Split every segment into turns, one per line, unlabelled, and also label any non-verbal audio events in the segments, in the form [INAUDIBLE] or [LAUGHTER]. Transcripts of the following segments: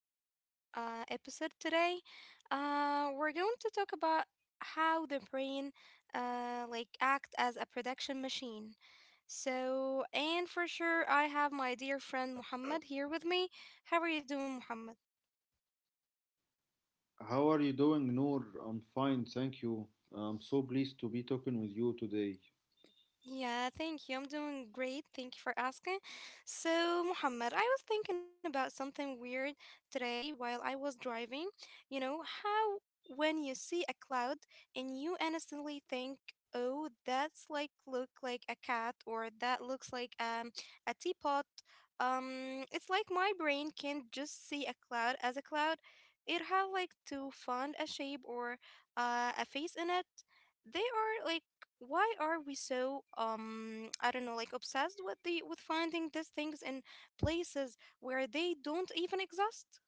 our new episode today. We're going to talk about how the brain like act as a production machine. So, and for sure, I have my dear friend Muhammad here with me. How are you doing, Muhammad?
How are you doing, Noor? I'm fine, thank you. I'm so pleased to be talking with you today.
Yeah, thank you. I'm doing great. Thank you for asking. So, Muhammad, I was thinking about something weird today while I was driving. You know, how when you see a cloud and you instantly think, "Oh, that's like look like a cat or that looks like a teapot." It's like my brain can't just see a cloud as a cloud. It has like to find a shape or a face in it. They are like why are we so I don't know like obsessed with the with finding these things in places where they don't even exist.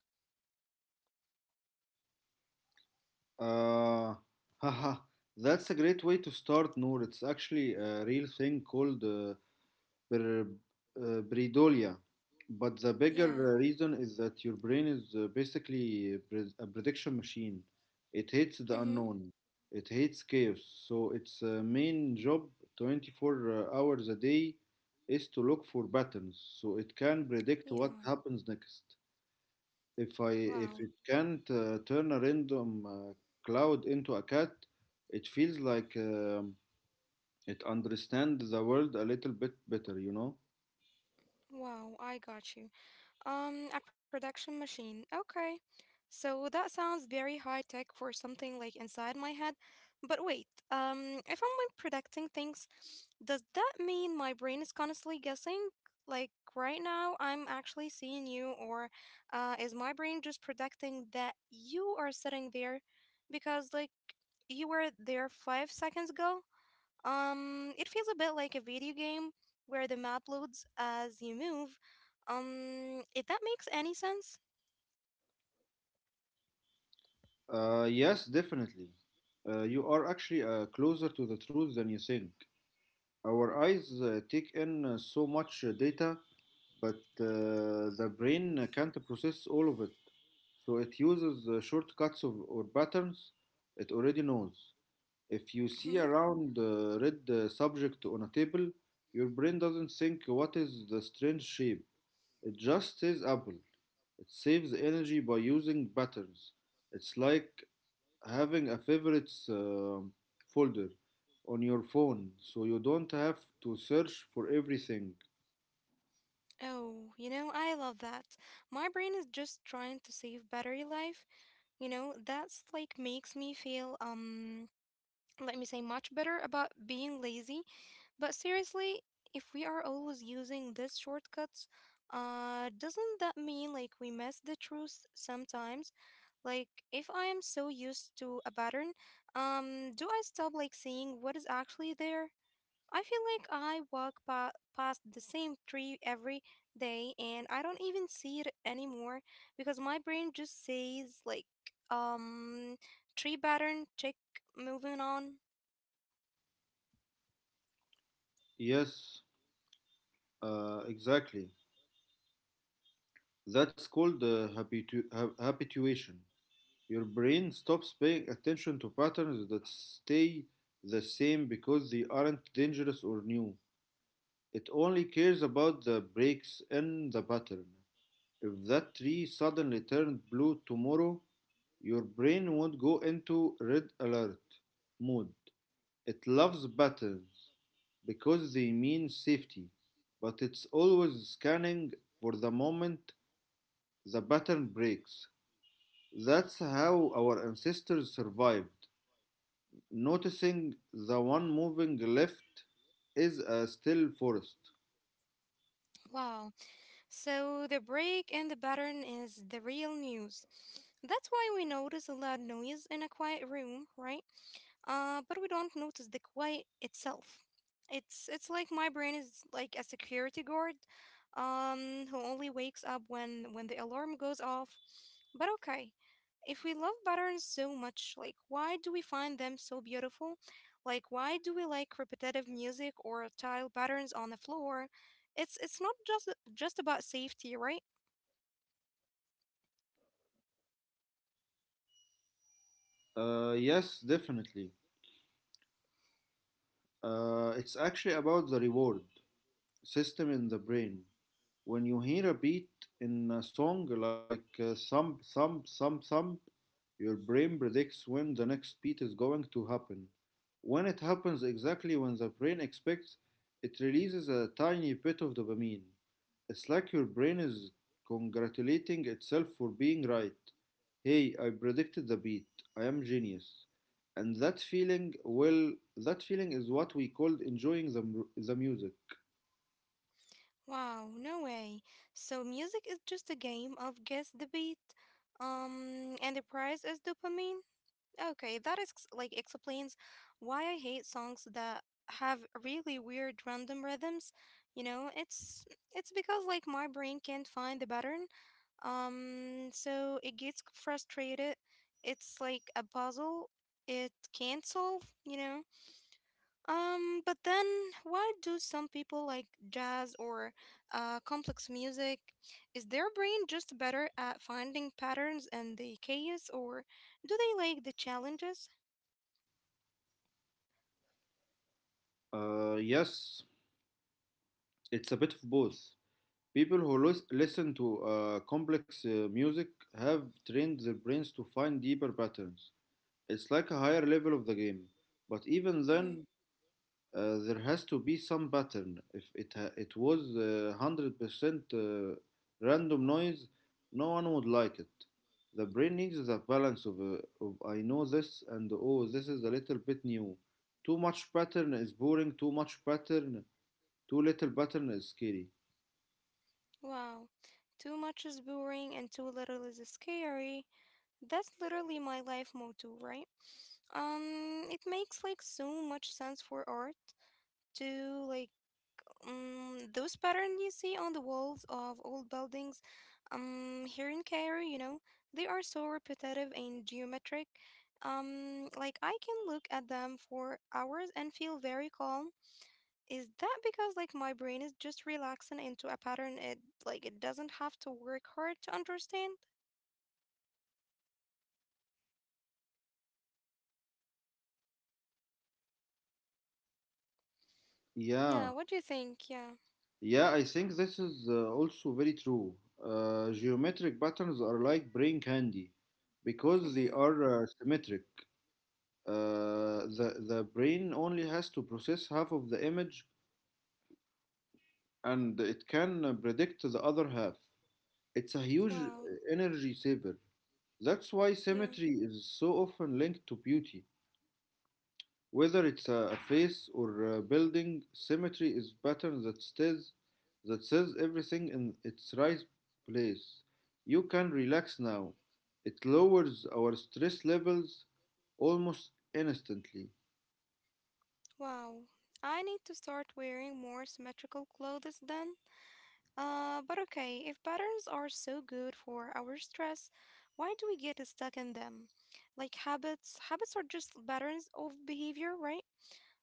Uh, [LAUGHS] haha, that's a great way to start, Noor. It's actually a real thing called ber- Breidolia. But the bigger
Yeah.
reason is that your brain is basically a prediction machine. It hates the
Mm-hmm.
unknown. It hates chaos. So its main job, 24 hours a day, is to look for patterns so it can predict what
Yeah.
happens next. If I if
Wow.
it can't turn a random cloud into a cat, it feels like it understands the world a little bit better, you know?
Wow, I got you. A production machine. Okay. So that sounds very high tech for something like inside my head. But wait, if I'm like predicting things, does that mean my brain is constantly guessing? Like right now, I'm actually seeing you, or is my brain just predicting that you are sitting there because like you were there 5 seconds ago? It feels a bit like a video game where the map loads as you move. If that makes any sense.
Yes, definitely. You are actually closer to the truth than you think. Our eyes take in so much data, but the brain can't process all of it. So it uses shortcuts of, or patterns it already knows. If you see
Mhm.
a round red subject on a table, your brain doesn't think what is the strange shape. It just says apple. It saves energy by using patterns. It's like having a favorites folder on your phone so you don't have to search for everything.
Oh, you know, I love that. My brain is just trying to save battery life. You know, that's like makes me feel let me say, much better about being lazy. But seriously, if we are always using these shortcuts, doesn't that mean like we miss the truth sometimes? Like, if I am so used to a pattern, do I stop like seeing what is actually there? I feel like I past the same tree every day and I don't even see it anymore because my brain just says like, um, tree pattern, check, moving on.
Yes, exactly. That's called habituation. Your brain stops paying attention to patterns that stay the same because they aren't dangerous or new. It only cares about the breaks in the pattern. If that tree suddenly turned blue tomorrow, your brain won't go into red alert mode. It loves patterns because they mean safety, but it's always scanning for the moment the pattern breaks. That's how our ancestors survived. Noticing the one moving left is a still forest.
Wow. So the break and the pattern is the real news. That's why we notice a loud noise in a quiet room, right? But we don't notice the quiet itself. It's like my brain is like a security guard, who only wakes up when the alarm goes off. But okay, if we love patterns so much, like why do we find them so beautiful? Like why do we like repetitive music or tile patterns on the floor? It's not just about safety, right?
Yes, definitely. It's actually about the reward system in the brain. When you hear a beat in a song like thump, thump, thump, thump, your brain predicts when the next beat is going to happen. When it happens exactly when the brain expects, it releases a tiny bit of dopamine. It's like your brain is congratulating itself for being right. Hey, I predicted the beat. I am genius. And that feeling, well, that feeling is what we called enjoying the music.
Wow, no way. So music is just a game of guess the beat. And the prize is dopamine. Okay, that is like explains why I hate songs that have really weird random rhythms. You know, it's because like my brain can't find the pattern. So it gets frustrated. It's like a puzzle it can't solve, you know? But then why do some people like jazz or complex music? Is their brain just better at finding patterns and the chaos, or do they like the challenges?
Yes, it's a bit of both. People who listen to complex music have trained their brains to find deeper patterns. It's like a higher level of the game, but even
Hmm.
then, there has to be some pattern. If it was 100% random noise, no one would like it. The brain needs the balance of I know this and oh this is a little bit new. Too much pattern is boring. Too much pattern, too little pattern is scary.
Wow, too much is boring and too little is scary. That's literally my life motto, right? It makes like so much sense for art to like those patterns you see on the walls of old buildings here in Cairo, you know, they are so repetitive and geometric. Like I can look at them for hours and feel very calm. Is that because like my brain is just relaxing into a pattern it like it doesn't have to work hard to understand? Yeah,
Yeah,
what do you think? Yeah.
Yeah, I think this is also very true. Geometric patterns are like brain candy because they
Hmm.
are symmetric. The brain only has to process half of the image and it can predict the other half. It's a huge
Wow.
energy saver. That's why
Yeah.
symmetry is so often linked to beauty. Whether it's a face or a building, symmetry is pattern that stays that says everything in its right place. You can relax now. It lowers our stress levels almost instantly.
Wow. I need to start wearing more symmetrical clothes then. But okay, if patterns are so good for our stress, why do we get stuck in them? Like habits, habits are just patterns of behavior, right?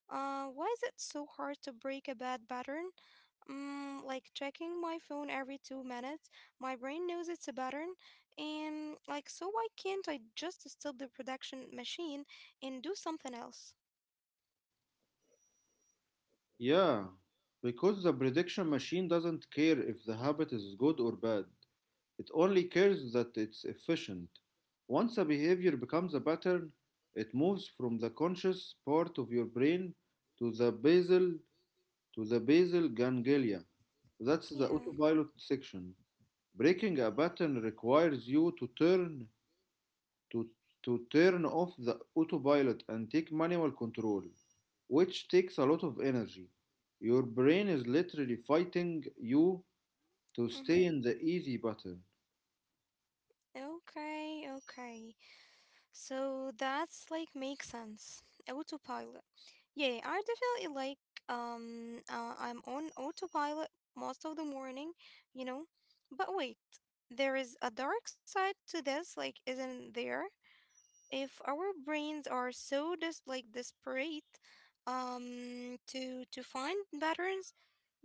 Why is it so hard to break a bad pattern? Like checking my phone every 2 minutes, my brain knows it's a pattern, and like, so why can't I just stop the production machine and do something else?
Yeah, because the prediction machine doesn't care if the habit is good or bad. It only cares that it's efficient. Once a behavior becomes a pattern, it moves from the conscious part of your brain to the basal to the basal ganglia. That's the
Yeah.
autopilot section. Breaking a pattern requires you to to, turn off the autopilot and take manual control, which takes a lot of energy. Your brain is literally fighting you to
Mm-hmm.
stay in the easy pattern.
Okay, okay. So that's like makes sense. Autopilot. Yeah, I definitely like I'm on autopilot most of the morning, you know. But wait, there is a dark side to this, like isn't there? If our brains are so dis like desperate to find patterns,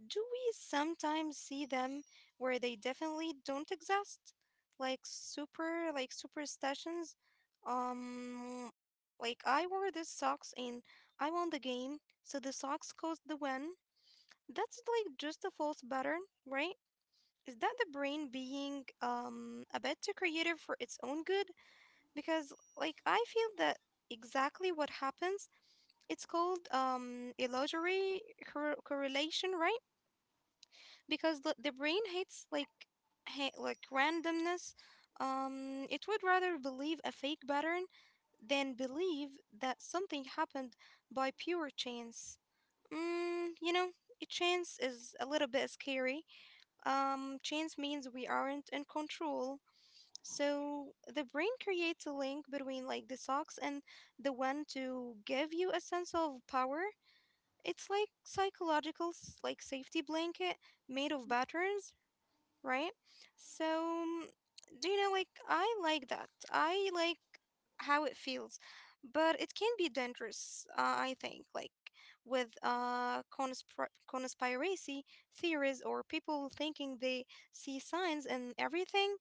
do we sometimes see them where they definitely don't exist? Like super like superstitions. Um like I wore these socks and I won the game, so the socks caused the win. That's like just a false pattern, right? Is that the brain being a bit too creative for its own good? Because like I feel that exactly what happens. It's called illusory correlation, right? Because the brain hates like like randomness. It would rather believe a fake pattern than believe that something happened by pure chance. You know, a chance is a little bit scary. Chance means we aren't in control, so the brain creates a link between like the socks and the one to give you a sense of power. It's like psychological like safety blanket made of patterns, right? So, do you know, like, I like that. I like how it feels, but it can be dangerous, I think, like with conspiracy theories or people thinking they see signs and everything.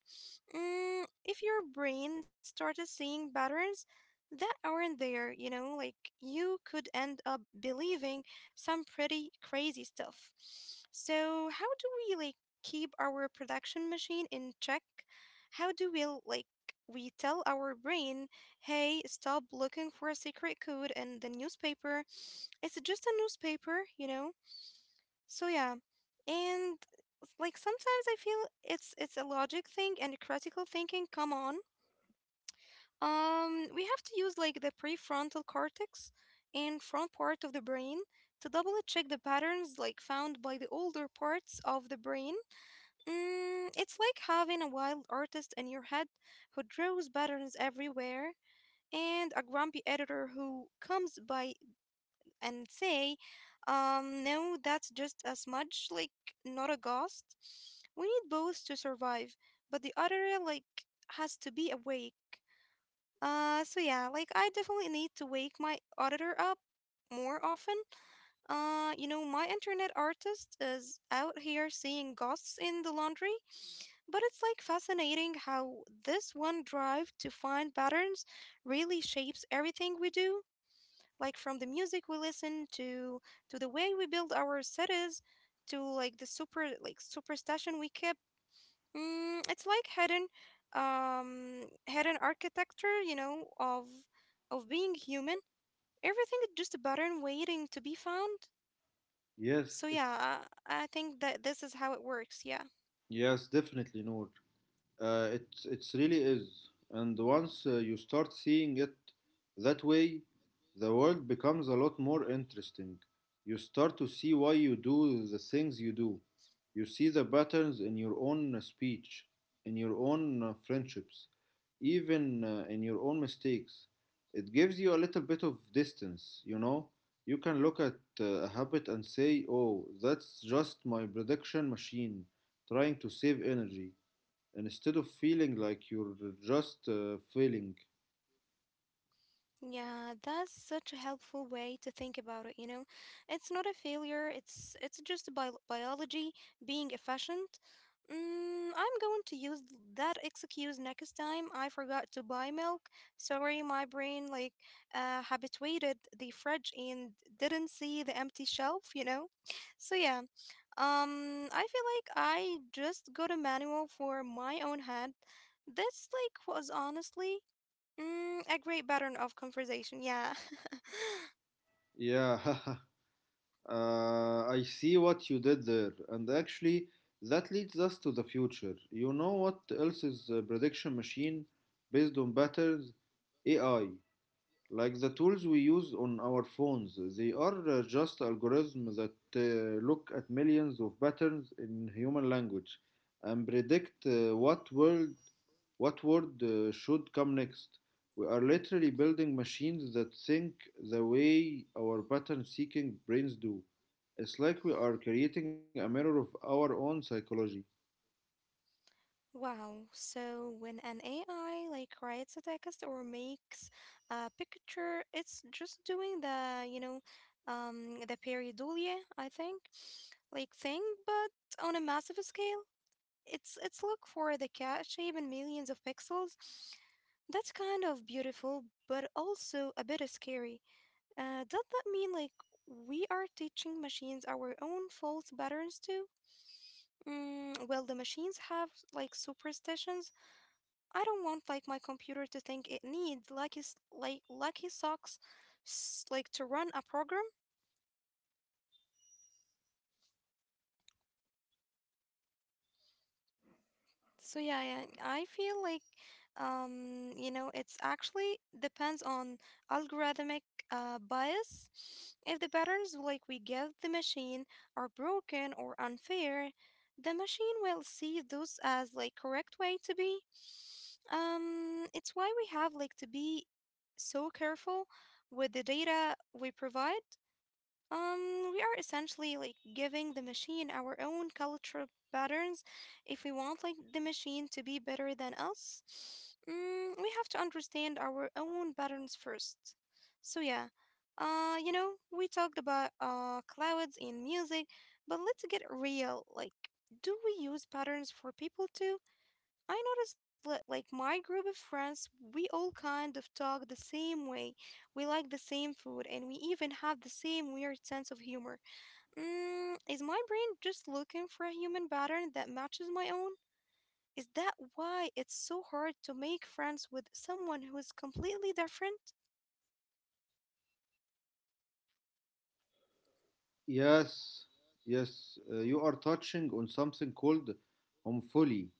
If your brain started seeing patterns that aren't there, you know, like you could end up believing some pretty crazy stuff. So, how do we like keep our production machine in check? How do we like we tell our brain, "Hey, stop looking for a secret code in the newspaper. It's just a newspaper," you know? So, yeah. And like sometimes I feel it's a logic thing and a critical thinking. Come on, we have to use like the prefrontal cortex and front part of the brain to double check the patterns like found by the older parts of the brain. It's like having a wild artist in your head who draws patterns everywhere and a grumpy editor who comes by and say, no, that's just a smudge, like not a ghost. We need both to survive, but the other like has to be awake. So yeah, like I definitely need to wake my auditor up more often. You know, my internet artist is out here seeing ghosts in the laundry, but it's like fascinating how this one drive to find patterns really shapes everything we do like from the music we listen to the way we build our cities to like the super like superstition we keep. It's like hidden hidden architecture, you know, of being human. Everything is just a pattern waiting to be found.
Yes,
So
it,
yeah, I think that this is how it works, yeah.
yes, definitely, Noor. It really is, and once you start seeing it that way, the world becomes a lot more interesting. You start to see why you do the things you do. You see the patterns in your own speech, in your own friendships, even in your own mistakes. It gives you a little bit of distance, you know? You can look at a habit and say, oh, that's just my prediction machine trying to save energy. And instead of feeling like you're just failing.
Yeah, that's such a helpful way to think about it, you know. It's not a failure, it's just biology being efficient. I'm going to use that excuse next time I forgot to buy milk. Sorry, my brain like habituated the fridge and didn't see the empty shelf, you know. So yeah, I feel like I just got a manual for my own head. This like was honestly a great pattern of conversation, yeah. [LAUGHS]
Yeah, [LAUGHS] uh, I see what you did there. And actually, that leads us to the future. You know what else is a prediction machine based on patterns? AI. Like the tools we use on our phones, they are just algorithms that look at millions of patterns in human language and predict what world. What word should come next? We are literally building machines that think the way our pattern seeking brains do. It's like we are creating a mirror of our own psychology.
Wow. So when an AI like writes a text or makes a picture, it's just doing the, you know, the pareidolia, I think, like thing, but on a massive scale. It's look for the cat shape in millions of pixels. That's kind of beautiful, but also a bit scary. Does that mean like we are teaching machines our own false patterns too? Will the machines have like superstitions? I don't want like my computer to think it needs lucky like lucky socks like to run a program. So yeah, yeah, I feel like you know it's actually depends on algorithmic bias. If the patterns like we give the machine are broken or unfair, the machine will see those as like correct way to be. It's why we have like to be so careful with the data we provide. We are essentially like giving the machine our own cultural patterns if we want like the machine to be better than us. We have to understand our own patterns first. So yeah, you know, we talked about clouds in music, but let's get real. Like, do we use patterns for people too? I noticed that, like, my group of friends, we all kind of talk the same way. We like the same food, and we even have the same weird sense of humor. Is my brain just looking for a human pattern that matches my own? Is that why it's so hard to make friends with someone who is completely different?
Yes, yes, you are touching on something called homophily.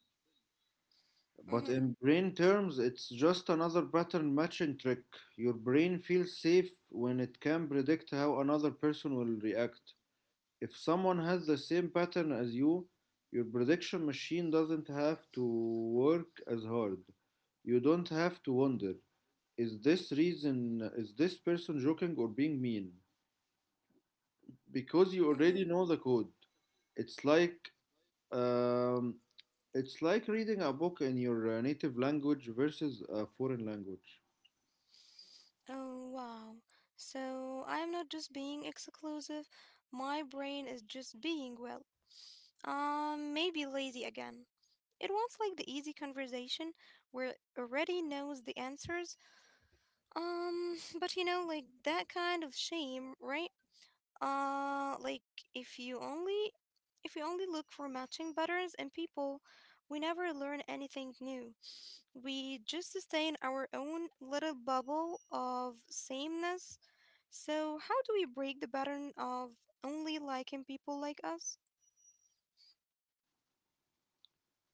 But
Mm-hmm.
in brain terms, it's just another pattern matching trick. Your brain feels safe when it can predict how another person will react. If someone has the same pattern as you, your prediction machine doesn't have to work as hard. You don't have to wonder, is this person joking or being mean? Because you already
Mm-hmm.
know the code. It's like um, it's like reading a book in your native language versus a foreign language.
Oh, wow. So I am not just being exclusive, my brain is just being, well, maybe lazy again. It wants like the easy conversation where it already knows the answers. [LAUGHS] But like that kind of shame, right? Like if you only if you only look for matching patterns and people, we never learn anything new. We just stay in our own little bubble of sameness. So how do we break the pattern of only liking people like us?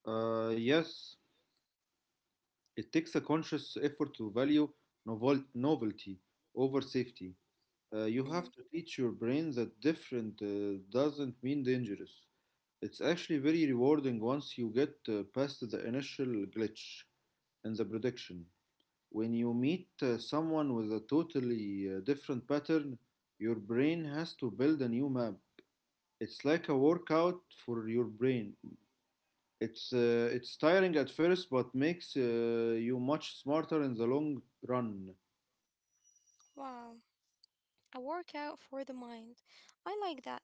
Yes, it takes a conscious effort to value novelty over safety. You
Mm-hmm.
have to teach your brain that different doesn't mean dangerous. It's actually very rewarding once you get past the initial glitch in the prediction. When you meet someone with a totally different pattern, your brain has to build a new map. It's like a workout for your brain. It's tiring at first, but makes you much smarter in the long run.
Wow. A workout for the mind. I like that.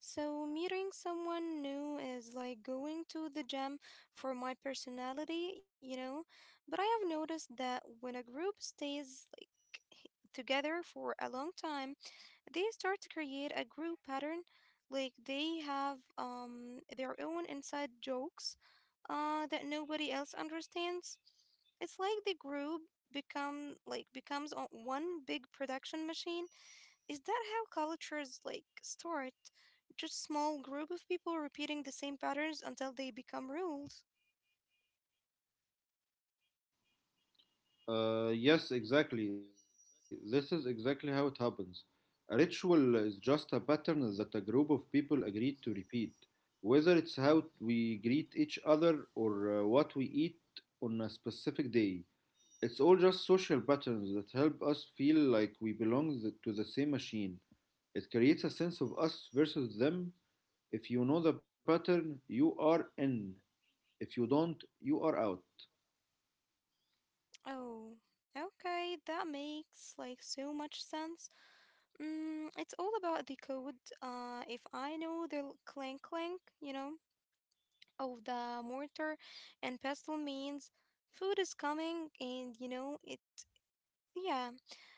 So, meeting someone new is like going to the gym for my personality, you know. But I have noticed that when a group stays like h- together for a long time, they start to create a group pattern. Like they have their own inside jokes that nobody else understands. It's like the group becomes one big production machine. Is that how cultures like start? Just small group of people repeating the same patterns until they become rules.
Yes, exactly. This is exactly how it happens. A ritual is just a pattern that a group of people agreed to repeat. Whether it's how we greet each other or what we eat on a specific day, it's all just social patterns that help us feel like we belong to the same machine. It creates a sense of us versus them. If you know the pattern, you are in. If you don't, you are out.
Oh, okay, that makes like so much sense. Mm, it's all about the code. If I know the clank clank, of the mortar and pestle means food is coming, and you know it. Yeah,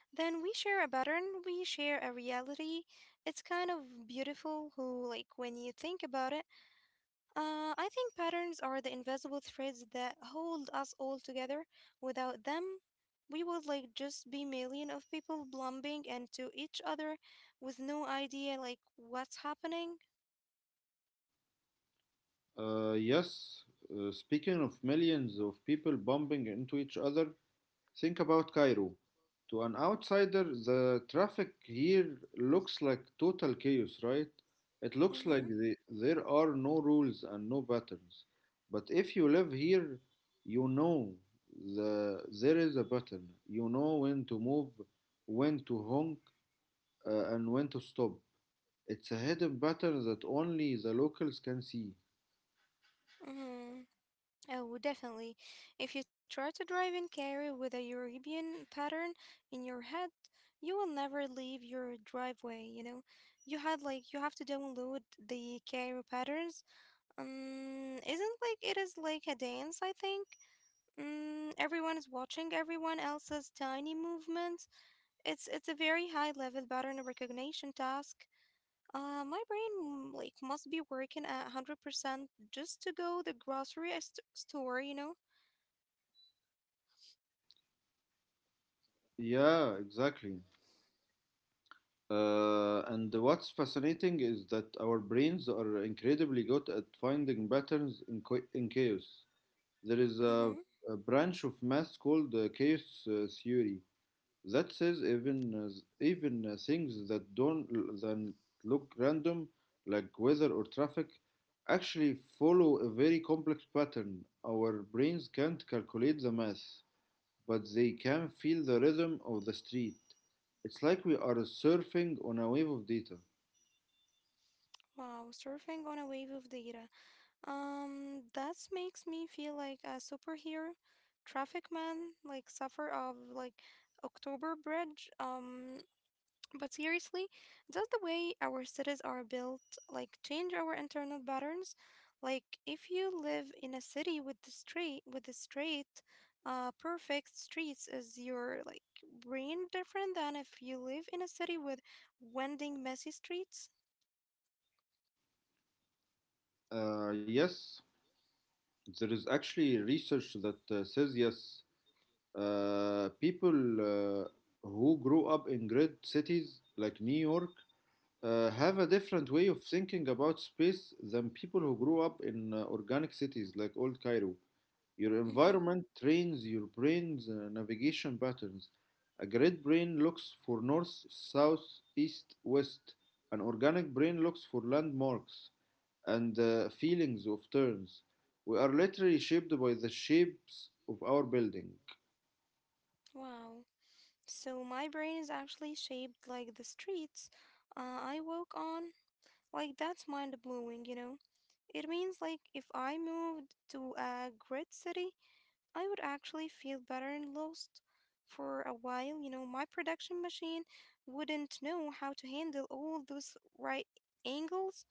then we share a pattern, we share a reality. It's kind of beautiful. Who like when you think about it. I think patterns are the invisible threads that hold us all together. Without them, we would like just be million of people blumping into each other with no idea like what's happening.
Yes, speaking of millions of people bumping into each other, think about Cairo. To an outsider, the traffic here looks like total chaos, right? It looks like
Mhm.
there are no rules and no patterns. But if you live here, you know there is a pattern. You know when to move, when to honk, and when to stop. It's a hidden pattern that only the locals can see.
Mhm. Oh, definitely. If you try to drive in Cairo with a European pattern in your head, you will never leave your driveway, you know. You had like you have to download the Cairo patterns. Isn't like it is like a dance, I think. Mm, everyone is watching everyone else's tiny movements. It's a very high level pattern recognition task. My brain like must be working at 100% just to go the grocery store, you know.
Yeah, exactly. And what's fascinating is that our brains are incredibly good at finding patterns in, in chaos. There is
Mm-hmm.
a branch of math called chaos theory that says even things that don't then look random, like weather or traffic, actually follow a very complex pattern. Our brains can't calculate the math but they can feel the rhythm of the street. It's like we are surfing on a wave of data.
Wow, surfing on a wave of data. That makes me feel like a superhero, traffic man, like suffer of like October Bridge. But seriously, does the way our cities are built like change our internal patterns? Like if you live in a city with the straight, perfect streets, is your like brain different than if you live in a city with winding, messy streets?
Yes, there is actually research that says yes. People uh, who grow up in great cities like New York have a different way of thinking about space than people who grew up in organic cities like Old Cairo. Your
Mm-hmm.
environment trains your brain's navigation patterns. A grid brain looks for north, south, east, west. An organic brain looks for landmarks and feelings of turns. We are literally shaped by the shapes of our building.
Wow. So my brain is actually shaped like the streets I walk on. Like that's mind blowing, you know. It means like if I moved to a great city I would actually feel better and lost for a while. You know, my production machine wouldn't know how to handle all those right angles.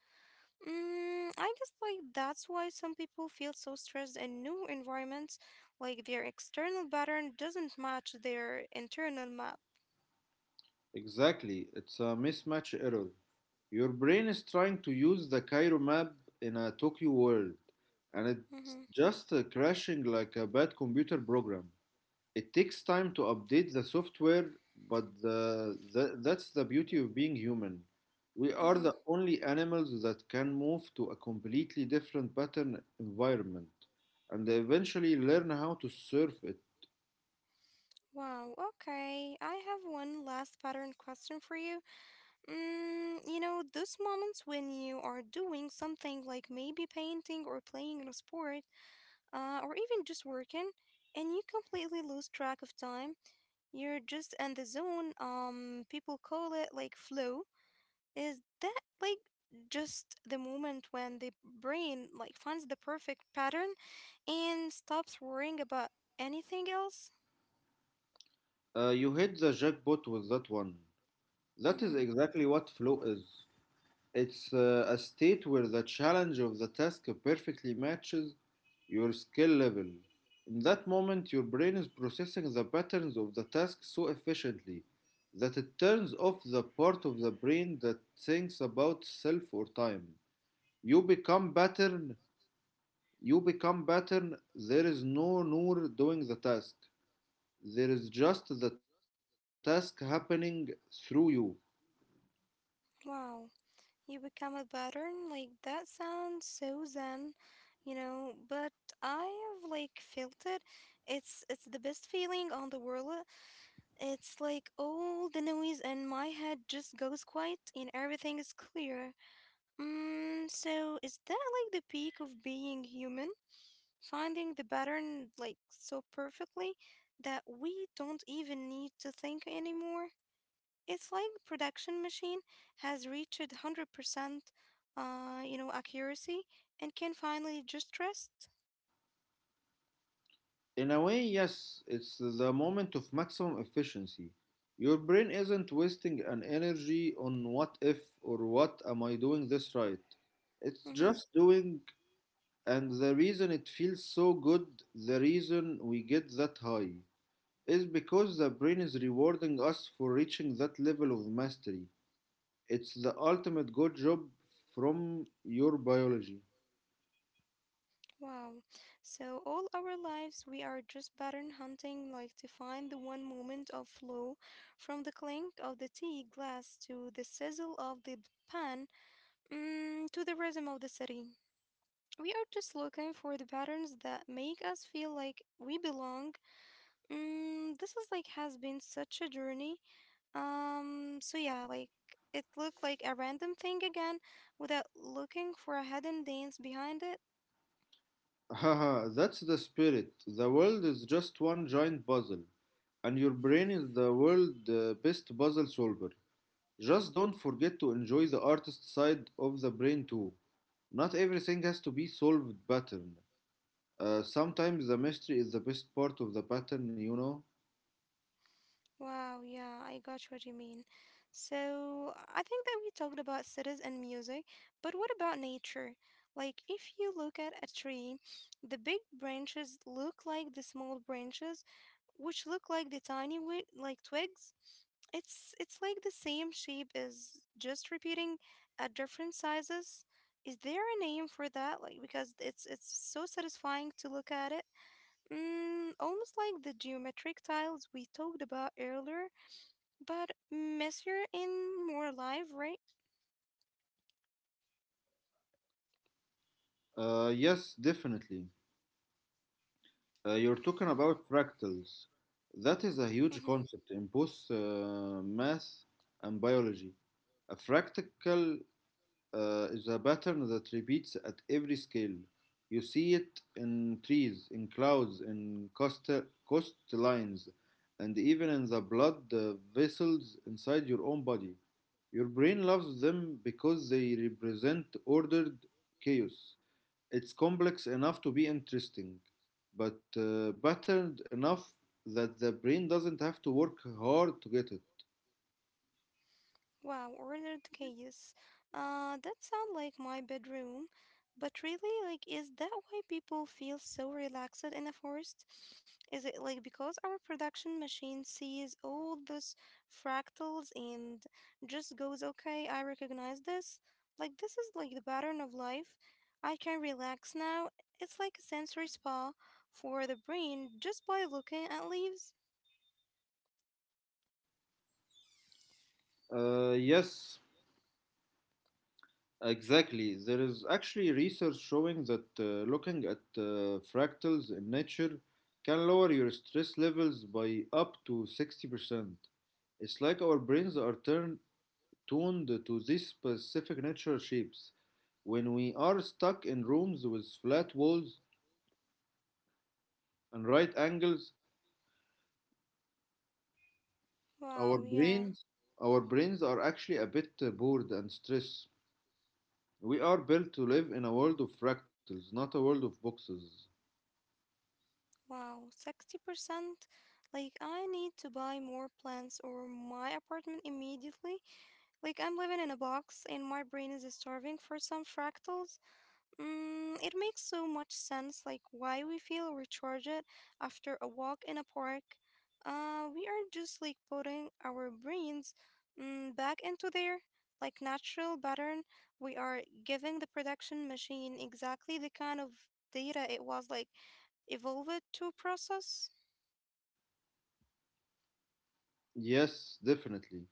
Mm, I guess like that's why some people feel so stressed in new environments, like their external pattern doesn't match their internal map.
Exactly, it's a mismatch error. Your brain is trying to use the Cairo map in a Tokyo world, and it's
Mm-hmm.
just crashing like a bad computer program. It takes time to update the software, but that's the beauty of being human. We are
Mm-hmm.
the only animals that can move to a completely different pattern environment and eventually learn how to surf it.
Wow, okay. I have one last pattern question for you. Mm, you know, those moments when you are doing something like maybe painting or playing in a sport, or even just working, and you completely lose track of time. You're just in the zone. People call it like flow. Is that like just the moment when the brain like finds the perfect pattern and stops worrying about anything else?
You hit the jackpot with that one. That is
Mm-hmm.
exactly what flow is. It's a state where the challenge of the task perfectly matches your skill level. In that moment, your brain is processing the patterns of the task so efficiently that it turns off the part of the brain that thinks about self or time. You become pattern, you become pattern, there is no Noor doing the task. There is just the task happening through you.
Wow. You become a pattern? Like that sounds so zen, you know, but I have like felt it. It's the best feeling on the world. It's like all the noise and my head just goes quiet and everything is clear. Mm, so is that like the peak of being human? Finding the pattern like so perfectly that we don't even need to think anymore? It's like production machine has reached 100% accuracy and can finally just rest.
In a way, yes, it's the moment of maximum efficiency. Your brain isn't wasting an energy on what if or what am I doing this right. It's
Mm-hmm.
just doing, and the reason it feels so good, the reason we get that high, is because the brain is rewarding us for reaching that level of mastery. It's the ultimate good job from your biology.
Wow. So all our lives we are just pattern hunting like to find the one moment of flow from the clink of the tea glass to the sizzle of the pan, to the rhythm of the city. We are just looking for the patterns that make us feel like we belong. Mm, this is like has been such a journey. So yeah, like it looked like a random thing again without looking for a hidden dance behind it.
Haha, that's the spirit. The world is just one giant puzzle, and your brain is the world's best puzzle solver. Just don't forget to enjoy the artist side of the brain too. Not everything has to be solved pattern. Sometimes the mystery is the best part of the pattern, you know?
Wow, yeah, I got what you mean. So, I think that we talked about cities and music, but what about nature? Like, if you look at a tree, the big branches look like the small branches, which look like the tiny like twigs. It's like the same shape is just repeating at different sizes. Is there a name for that? Like, because it's so satisfying to look at it. Mm, almost like the geometric tiles we talked about earlier. But messier and more alive, right?
Yes, Definitely. You're talking about fractals. That is a huge
Mm-hmm.
concept in both math and biology. A fractal is a pattern that repeats at every scale. You see it in trees, in clouds, in coastal coastlines, and even in the blood vessels inside your own body. Your brain loves them because they represent ordered chaos. It's complex enough to be interesting, but patterned enough that the brain doesn't have to work hard to get it.
Wow, ordered chaos. That sounds like my bedroom. But really, like, is that why people feel so relaxed in a forest? Is it like because our production machine sees all those fractals and just goes, okay, I recognize this? Like, this is like the pattern of life. I can relax now. It's like a sensory spa for the brain just by looking at leaves.
Uh, yes, Exactly. There is actually research showing that looking at fractals in nature can lower your stress levels by up to 60%. It's like our brains are turned tuned to these specific natural shapes. When we are stuck in rooms with flat walls and right angles,
Wow,
our
yeah.
brains our brains are actually a bit bored and stressed. We are built to live in a world of fractals, not a world of boxes.
Wow, 60%? Like, I need to buy more plants or my apartment immediately. Like, I'm living in a box and my brain is starving for some fractals. Mm, it makes so much sense, like, why we feel recharged after a walk in a park. We are just like putting our brains, back into their like natural pattern. We are giving the production machine exactly the kind of data it was like evolved to process?
Yes, definitely.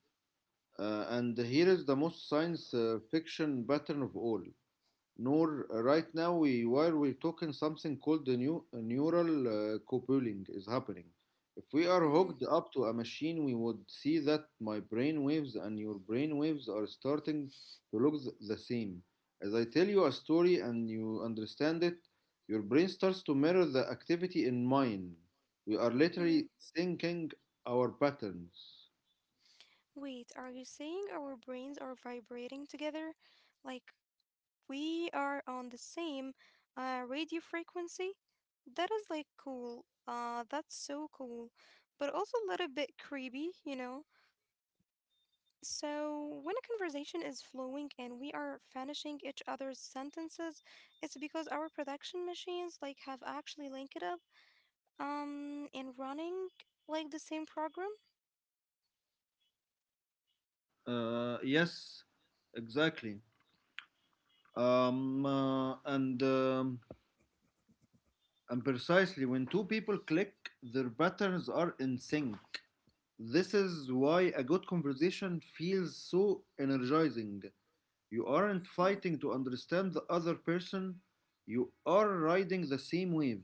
And here is the most science fiction pattern of all. Nor right now we while we're talking something called the new neural coupling is happening. If we are
Mhm,
hooked up to a machine, we would see that my brain waves and your brain waves are starting to look the same. As I tell you a story and you understand it, your brain starts to mirror the activity in mine. We are
mhm.
literally syncing our patterns.
Wait, are you saying our brains are vibrating together? Like we are on the same radio frequency? That is like cool. That's so cool, but also a little bit creepy, you know? So, when a conversation is flowing and we are finishing each other's sentences, it's because our production machines like have actually linked it up and running like the same program.
Uh, yes, exactly. Um, uh, and um, and precisely when two people click, their patterns are in sync. This is why a good conversation feels so energizing. You aren't fighting to understand the other person, you are riding the same wave.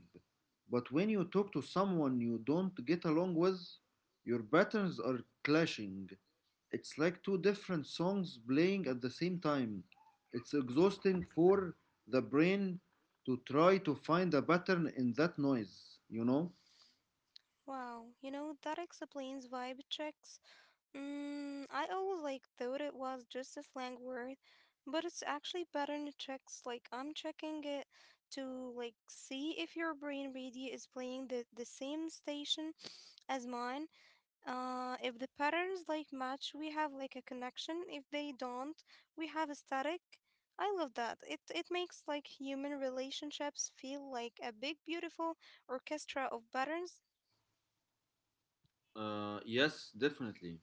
But when you talk to someone you don't get along with, your patterns are clashing. It's like two different songs playing at the same time. It's exhausting for the brain to try to find a pattern in that noise, you know?
Wow, you know, that explains vibe checks. Mm, I always like thought it was just a slang word, but it's actually pattern checks. Like I'm checking it to like see if your brain really is playing the same station as mine. If the patterns like match, we have like a connection. If they don't, we have a static. I love that. It makes like human relationships feel like a big beautiful orchestra of patterns.
Yes, Definitely.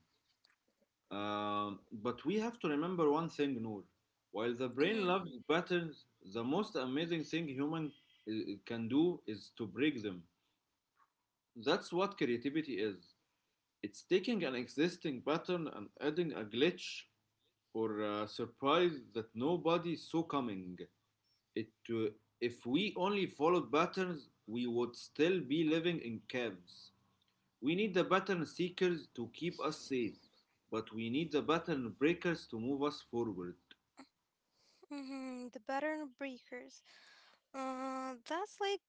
But we have to remember one thing, Noor. While the brain
Mm-hmm.
loves patterns, the most amazing thing human uh, can do is to break them. That's what creativity is. It's taking an existing pattern and adding a glitch or a surprise that nobody saw coming. It, uh, if we only followed patterns, we would still be living in caves. We need the pattern seekers to keep us safe, but we need the pattern breakers to move us forward.
Mm-hmm, the pattern breakers. That's like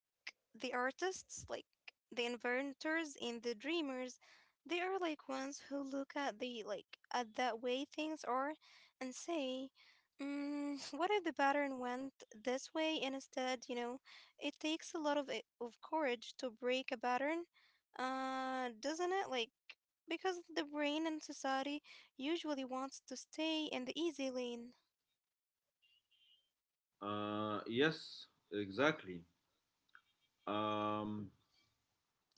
the artists, like the inventors and the dreamers. They are like ones who look at the like at that way things are, and say, "What if the pattern went this way instead?" You know, it takes a lot of courage to break a pattern, doesn't it? Like because the brain and society usually wants to stay in the easy lane.
Yes, exactly. Um,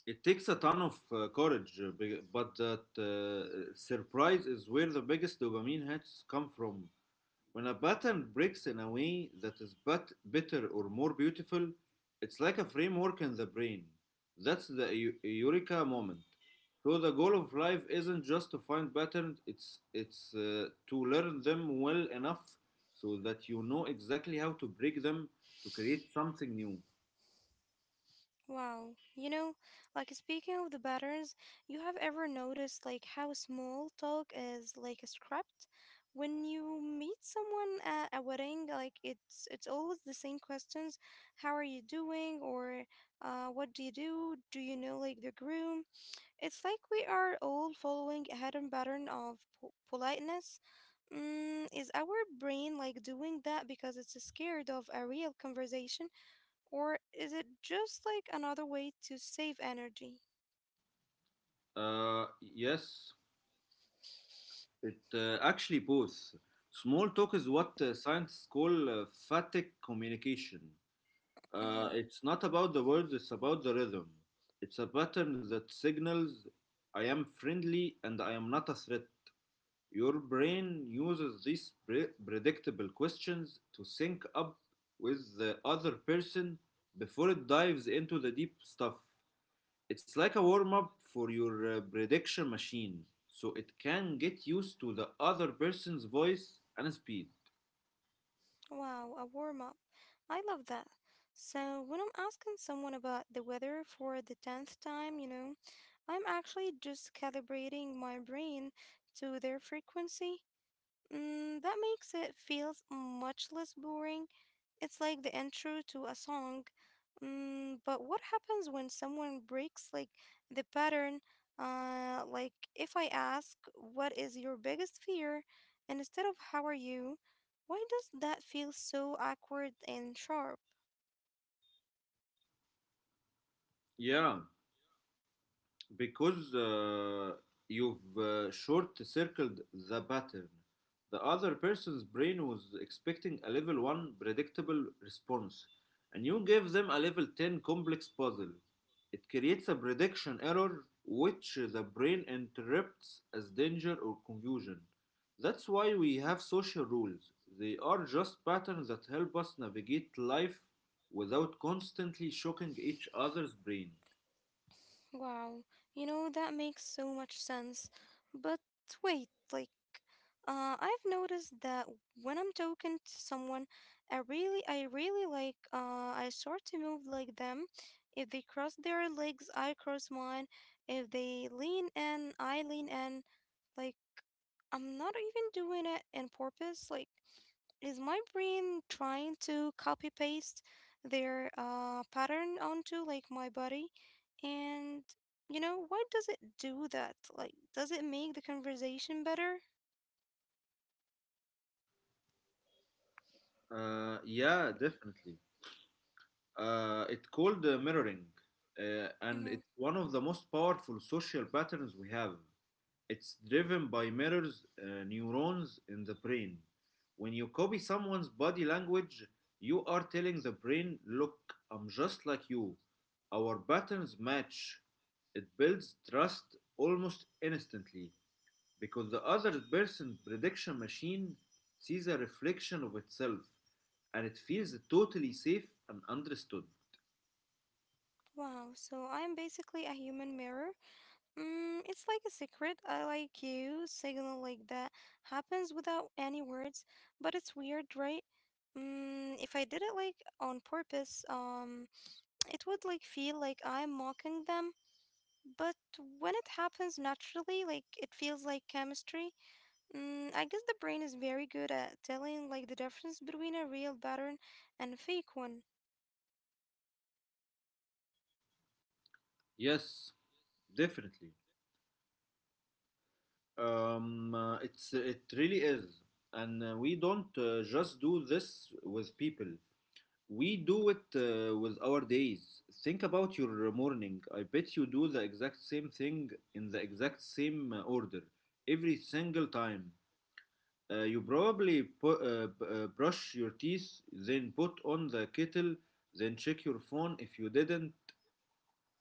it takes a ton of courage, but that surprise is where the biggest dopamine hits come from. When a pattern breaks in a way that is but better or more beautiful, it's like a framework in the brain. That's the eureka moment. So the goal of life isn't just to find patterns; it's to learn them well enough so that you know exactly how to break them to create something new.
Wow. You know, like speaking of the patterns, you have ever noticed like how small talk is like a script? When you meet someone at a wedding, like it's always the same questions. How are you doing? Or what do you do? Do you know like the groom? It's like we are all following a hidden pattern of politeness. Mm, is our brain like doing that because it's scared of a real conversation? Or is it just like another way to save energy?
Uh, yes, it actually both. Small talk is what scientists call phatic communication.
Mhm.
It's not about the words, it's about the rhythm. It's a pattern that signals I am friendly and I am not a threat. Your brain uses these predictable questions to sync up with the other person before it dives into the deep stuff. It's like a warm up for your prediction machine, so it can get used to the other person's voice and speed.
Wow, a warm up. I love that. So, when I'm asking someone about the weather for the 10th time, you know, I'm actually just calibrating my brain to their frequency. Mm, that makes it feel much less boring. It's like the intro to a song. Mm, but what happens when someone breaks like the pattern? Like if I ask, what is your biggest fear? And instead of how are you, why does that feel so awkward and sharp?
Yeah, because you've short circled the pattern. The other person's brain was expecting a level 1 predictable response, and you gave them a level 10 complex puzzle. It creates a prediction error which the brain interprets as danger or confusion. That's why we have social rules. They are just patterns that help us navigate life without constantly shocking each other's brain.
Wow, you know, that makes so much sense. But wait, like, I've noticed that when I'm talking to someone, I start to move like them. If they cross their legs, I cross mine. If they lean in, I lean in. Like, I'm not even doing it in purpose. Like, is my brain trying to copy paste their pattern onto like my body? And you know, why does it do that? Like, does it make the conversation better?
Yeah, Definitely. It's called mirroring, and
Hmm.
it's one of the most powerful social patterns we have. It's driven by mirrors, neurons in the brain. When you copy someone's body language, you are telling the brain, look, I'm just like you. Our patterns match. It builds trust almost instantly because the other person's prediction machine sees a reflection of itself and it feels totally safe and understood.
Wow, so I'm basically a human mirror. Mm, it's like a secret I like you signal like that happens without any words, but it's weird, right? Mm, if I did it like on purpose, it would like feel like I'm mocking them. But when it happens naturally, like it feels like chemistry. I guess the brain is very good at telling like the difference between a real pattern and a fake one.
Yes, definitely. It's it really is, and we don't just do this with people. We do it with our days. Think about your morning. I bet you do the exact same thing in the exact same order every single time. You probably brush your teeth, then put on the kettle, then check your phone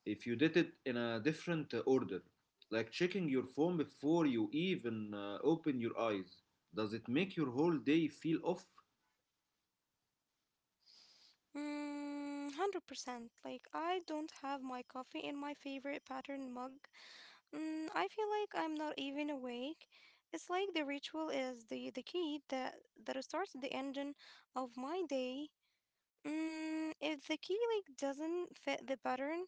if you did it in a different order. Like checking your phone before you even open your eyes. Does it make your whole day feel off?
Mm, 100%. Like I don't have my coffee in my favorite pattern mug. I feel like I'm not even awake. It's like the ritual is the key that starts the engine of my day. If the key like doesn't fit the pattern,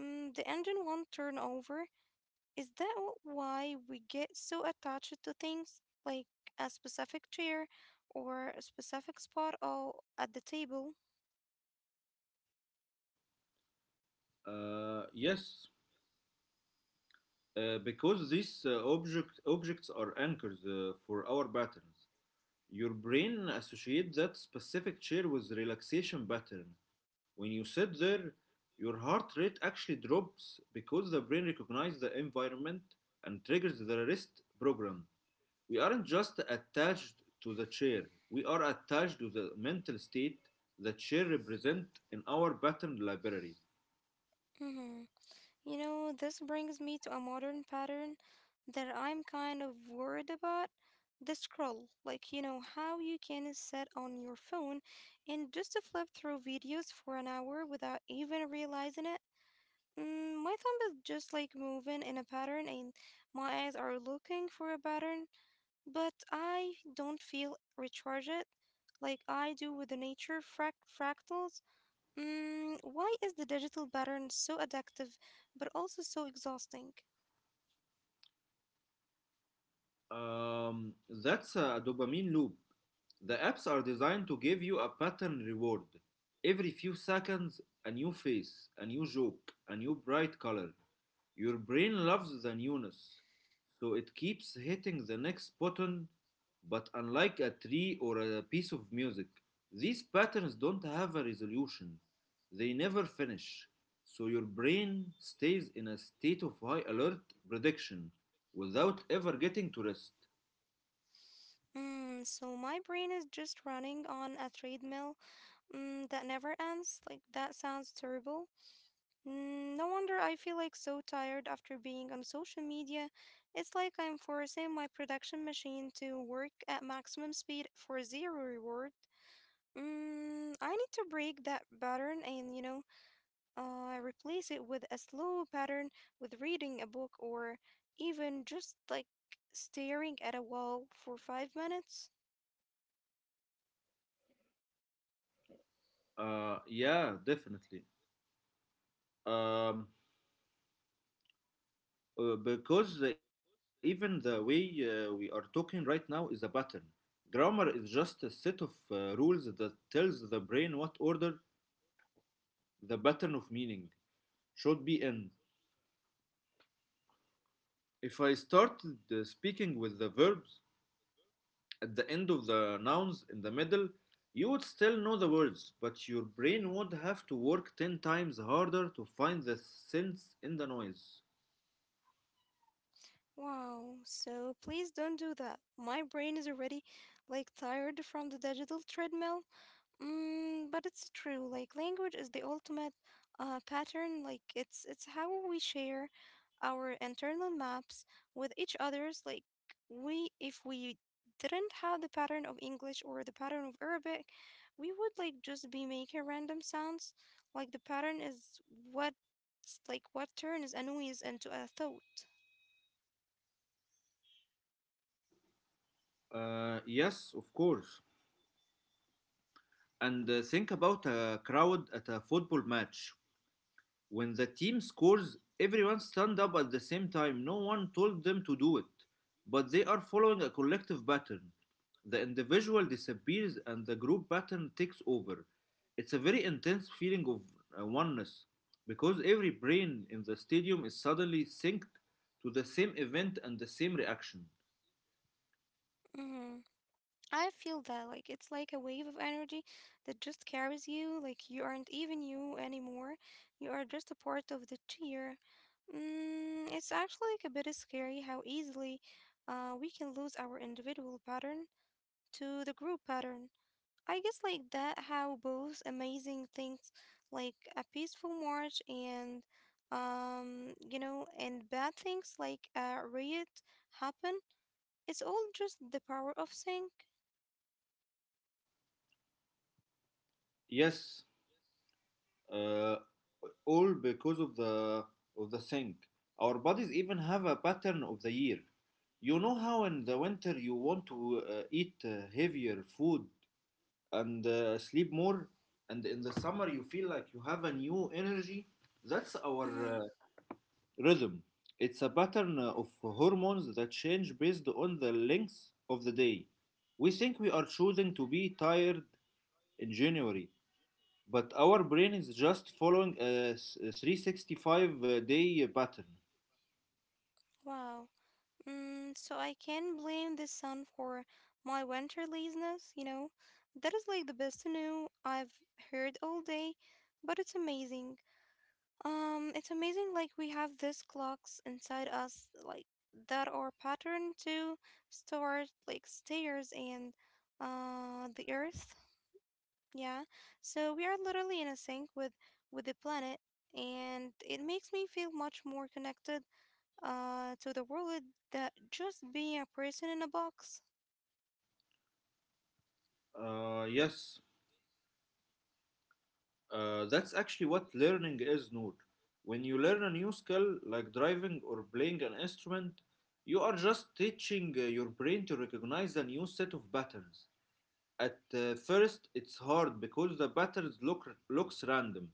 the engine won't turn over. Is why we get so attached to things like a specific chair or a specific spot or at the table?
Uh, yes, because these objects are anchors for our patterns. Your brain associates that specific chair with relaxation pattern. When you sit there, your heart rate actually drops because the brain recognizes the environment and triggers the rest program. We aren't just attached to the chair, we are attached to the mental state the chair represents in our pattern library.
Mm-hmm. You know, this brings me to a modern pattern that I'm kind of worried about. The scroll, like you know, how you can sit on your phone and just flip through videos for an hour without even realizing it. My thumb is just like moving in a pattern, and my eyes are looking for a pattern, but I don't feel recharged like I do with the fractals. Why is the digital pattern so addictive but also so exhausting?
That's a dopamine loop. The apps are designed to give you a pattern reward. Every few seconds, a new face, a new joke, a new bright color. Your brain loves the newness, so it keeps hitting the next button. But unlike a tree or a piece of music, these patterns don't have a resolution. They never finish. So your brain stays in a state of high alert prediction without ever getting to rest.
So my brain is just running on a treadmill that never ends. Like that sounds terrible. No wonder I feel like so tired after being on social media. It's like I'm forcing my production machine to work at maximum speed for zero reward. I need to break that pattern and, you know, replace it with a slow pattern with reading a book or even just like staring at a wall for five minutes.
Yeah, Definitely. Um, because even the way we are talking right now is a pattern. Grammar is just a set of rules that tells the brain what order the pattern of meaning should be in. If I started speaking with the verbs at the end of the nouns in the middle, you would still know the words, but your brain would have to work 10 times harder to find the sense in the noise.
Wow, so please don't do that. My brain is already like tired from the digital treadmill. But it's true. Like language is the ultimate pattern. Like it's how we share our internal maps with each others. Like we if we didn't have the pattern of English or the pattern of Arabic, we would like just be making random sounds. Like the pattern is what like what turns a noise into a thought.
Yes, of course. And think about a crowd at a football match. When the team scores, everyone stand up at the same time. No one told them to do it, but they are following a collective pattern. The individual disappears and the group pattern takes over. It's a very intense feeling of oneness because every brain in the stadium is suddenly synced to the same event and the same reaction.
Mm-hmm. I feel that like it's like a wave of energy that just carries you, like you aren't even you anymore. You are just a part of the cheer. It's actually like a bit scary how easily we can lose our individual pattern to the group pattern. I guess like that how both amazing things like a peaceful march and you know and bad things like a riot happen. It's all just the power of sync.
Yes, uh, all because of the sink. Our bodies even have a pattern of the year. You know how in the winter you want to eat heavier food and sleep more, and in the summer you feel like you have a new energy. That's our
Mhm.
rhythm. It's a pattern of hormones that change based on the length of the day. We think we are choosing to be tired in January, but our brain is just following a 365-day pattern.
Wow. So I can blame the sun for my winter laziness, you know? That is like the best new I've heard all day, but it's amazing. It's amazing like we have these clocks inside us, like that are patterned to stars, like stairs and the earth. Yeah. So we are literally in a sync with the planet and it makes me feel much more connected to the world that just being a person in a box.
Uh, yes, that's actually what learning is, Noor. When you learn a new skill like driving or playing an instrument, you are just teaching your brain to recognize a new set of patterns. At first, it's hard because the patterns looks random,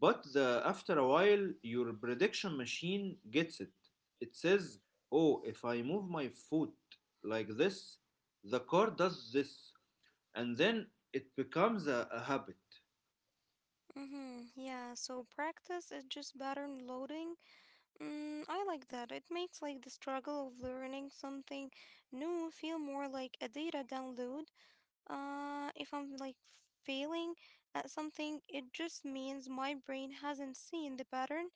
After a while, your prediction machine gets it. It says, oh, if I move my foot like this, the car does this. And then it becomes a habit.
Mm-hmm, yeah, so practice is just pattern loading. I like that. It makes like the struggle of learning something new feel more like a data download. If I'm like failing at something, it just means my brain hasn't seen the pattern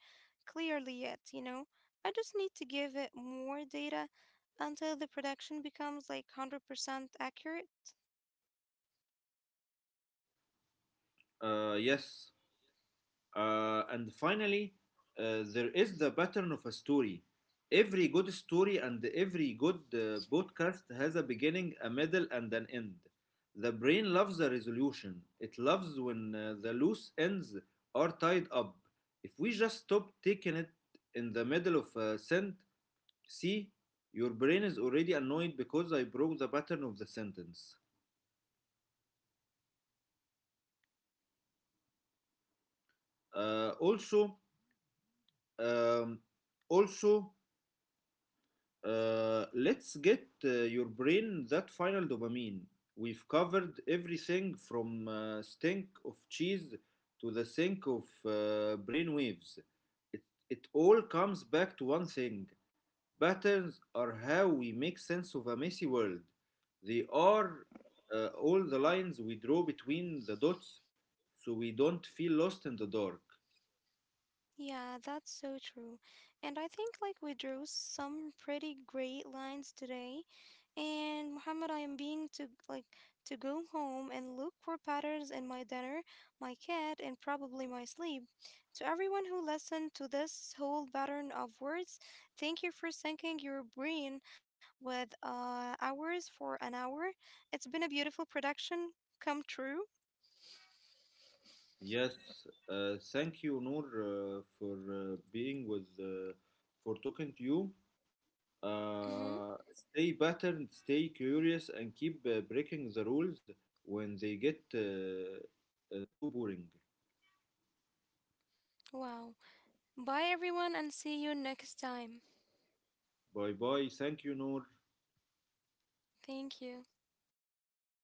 clearly yet, you know? I just need to give it more data until the production becomes like 100% accurate.
Yes, uh, and finally, there is the pattern of a story. Every good story and every good podcast has a beginning, a middle, and an end. The brain loves a resolution. It loves when the loose ends are tied up. If we just stop taking it in the middle of a sentence, see, your brain is already annoyed because I broke the pattern of the sentence. Uh, also, um, Also, let's get your brain that final dopamine. We've covered everything from stink of cheese to the sink of brain waves. It, it all comes back to one thing patterns are how we make sense of a messy world. They are all the lines we draw between the dots so we don't feel lost in the dark.
Yeah, that's so true. And I think like we drew some pretty great lines today. And Muhammad, I am being to like to go home and look for patterns in my dinner, my cat, and probably my sleep. To everyone who listened to this whole pattern of words, thank you for sinking your brain with hours for an hour. It's been a beautiful production come true.
Yes, thank you, Noor, for for talking to you.
Mm-hmm.
Stay patterned, stay curious, and keep breaking the rules when they get too boring.
Wow. Bye everyone and see you next time.
Bye bye. Thank you, Noor.
Thank you.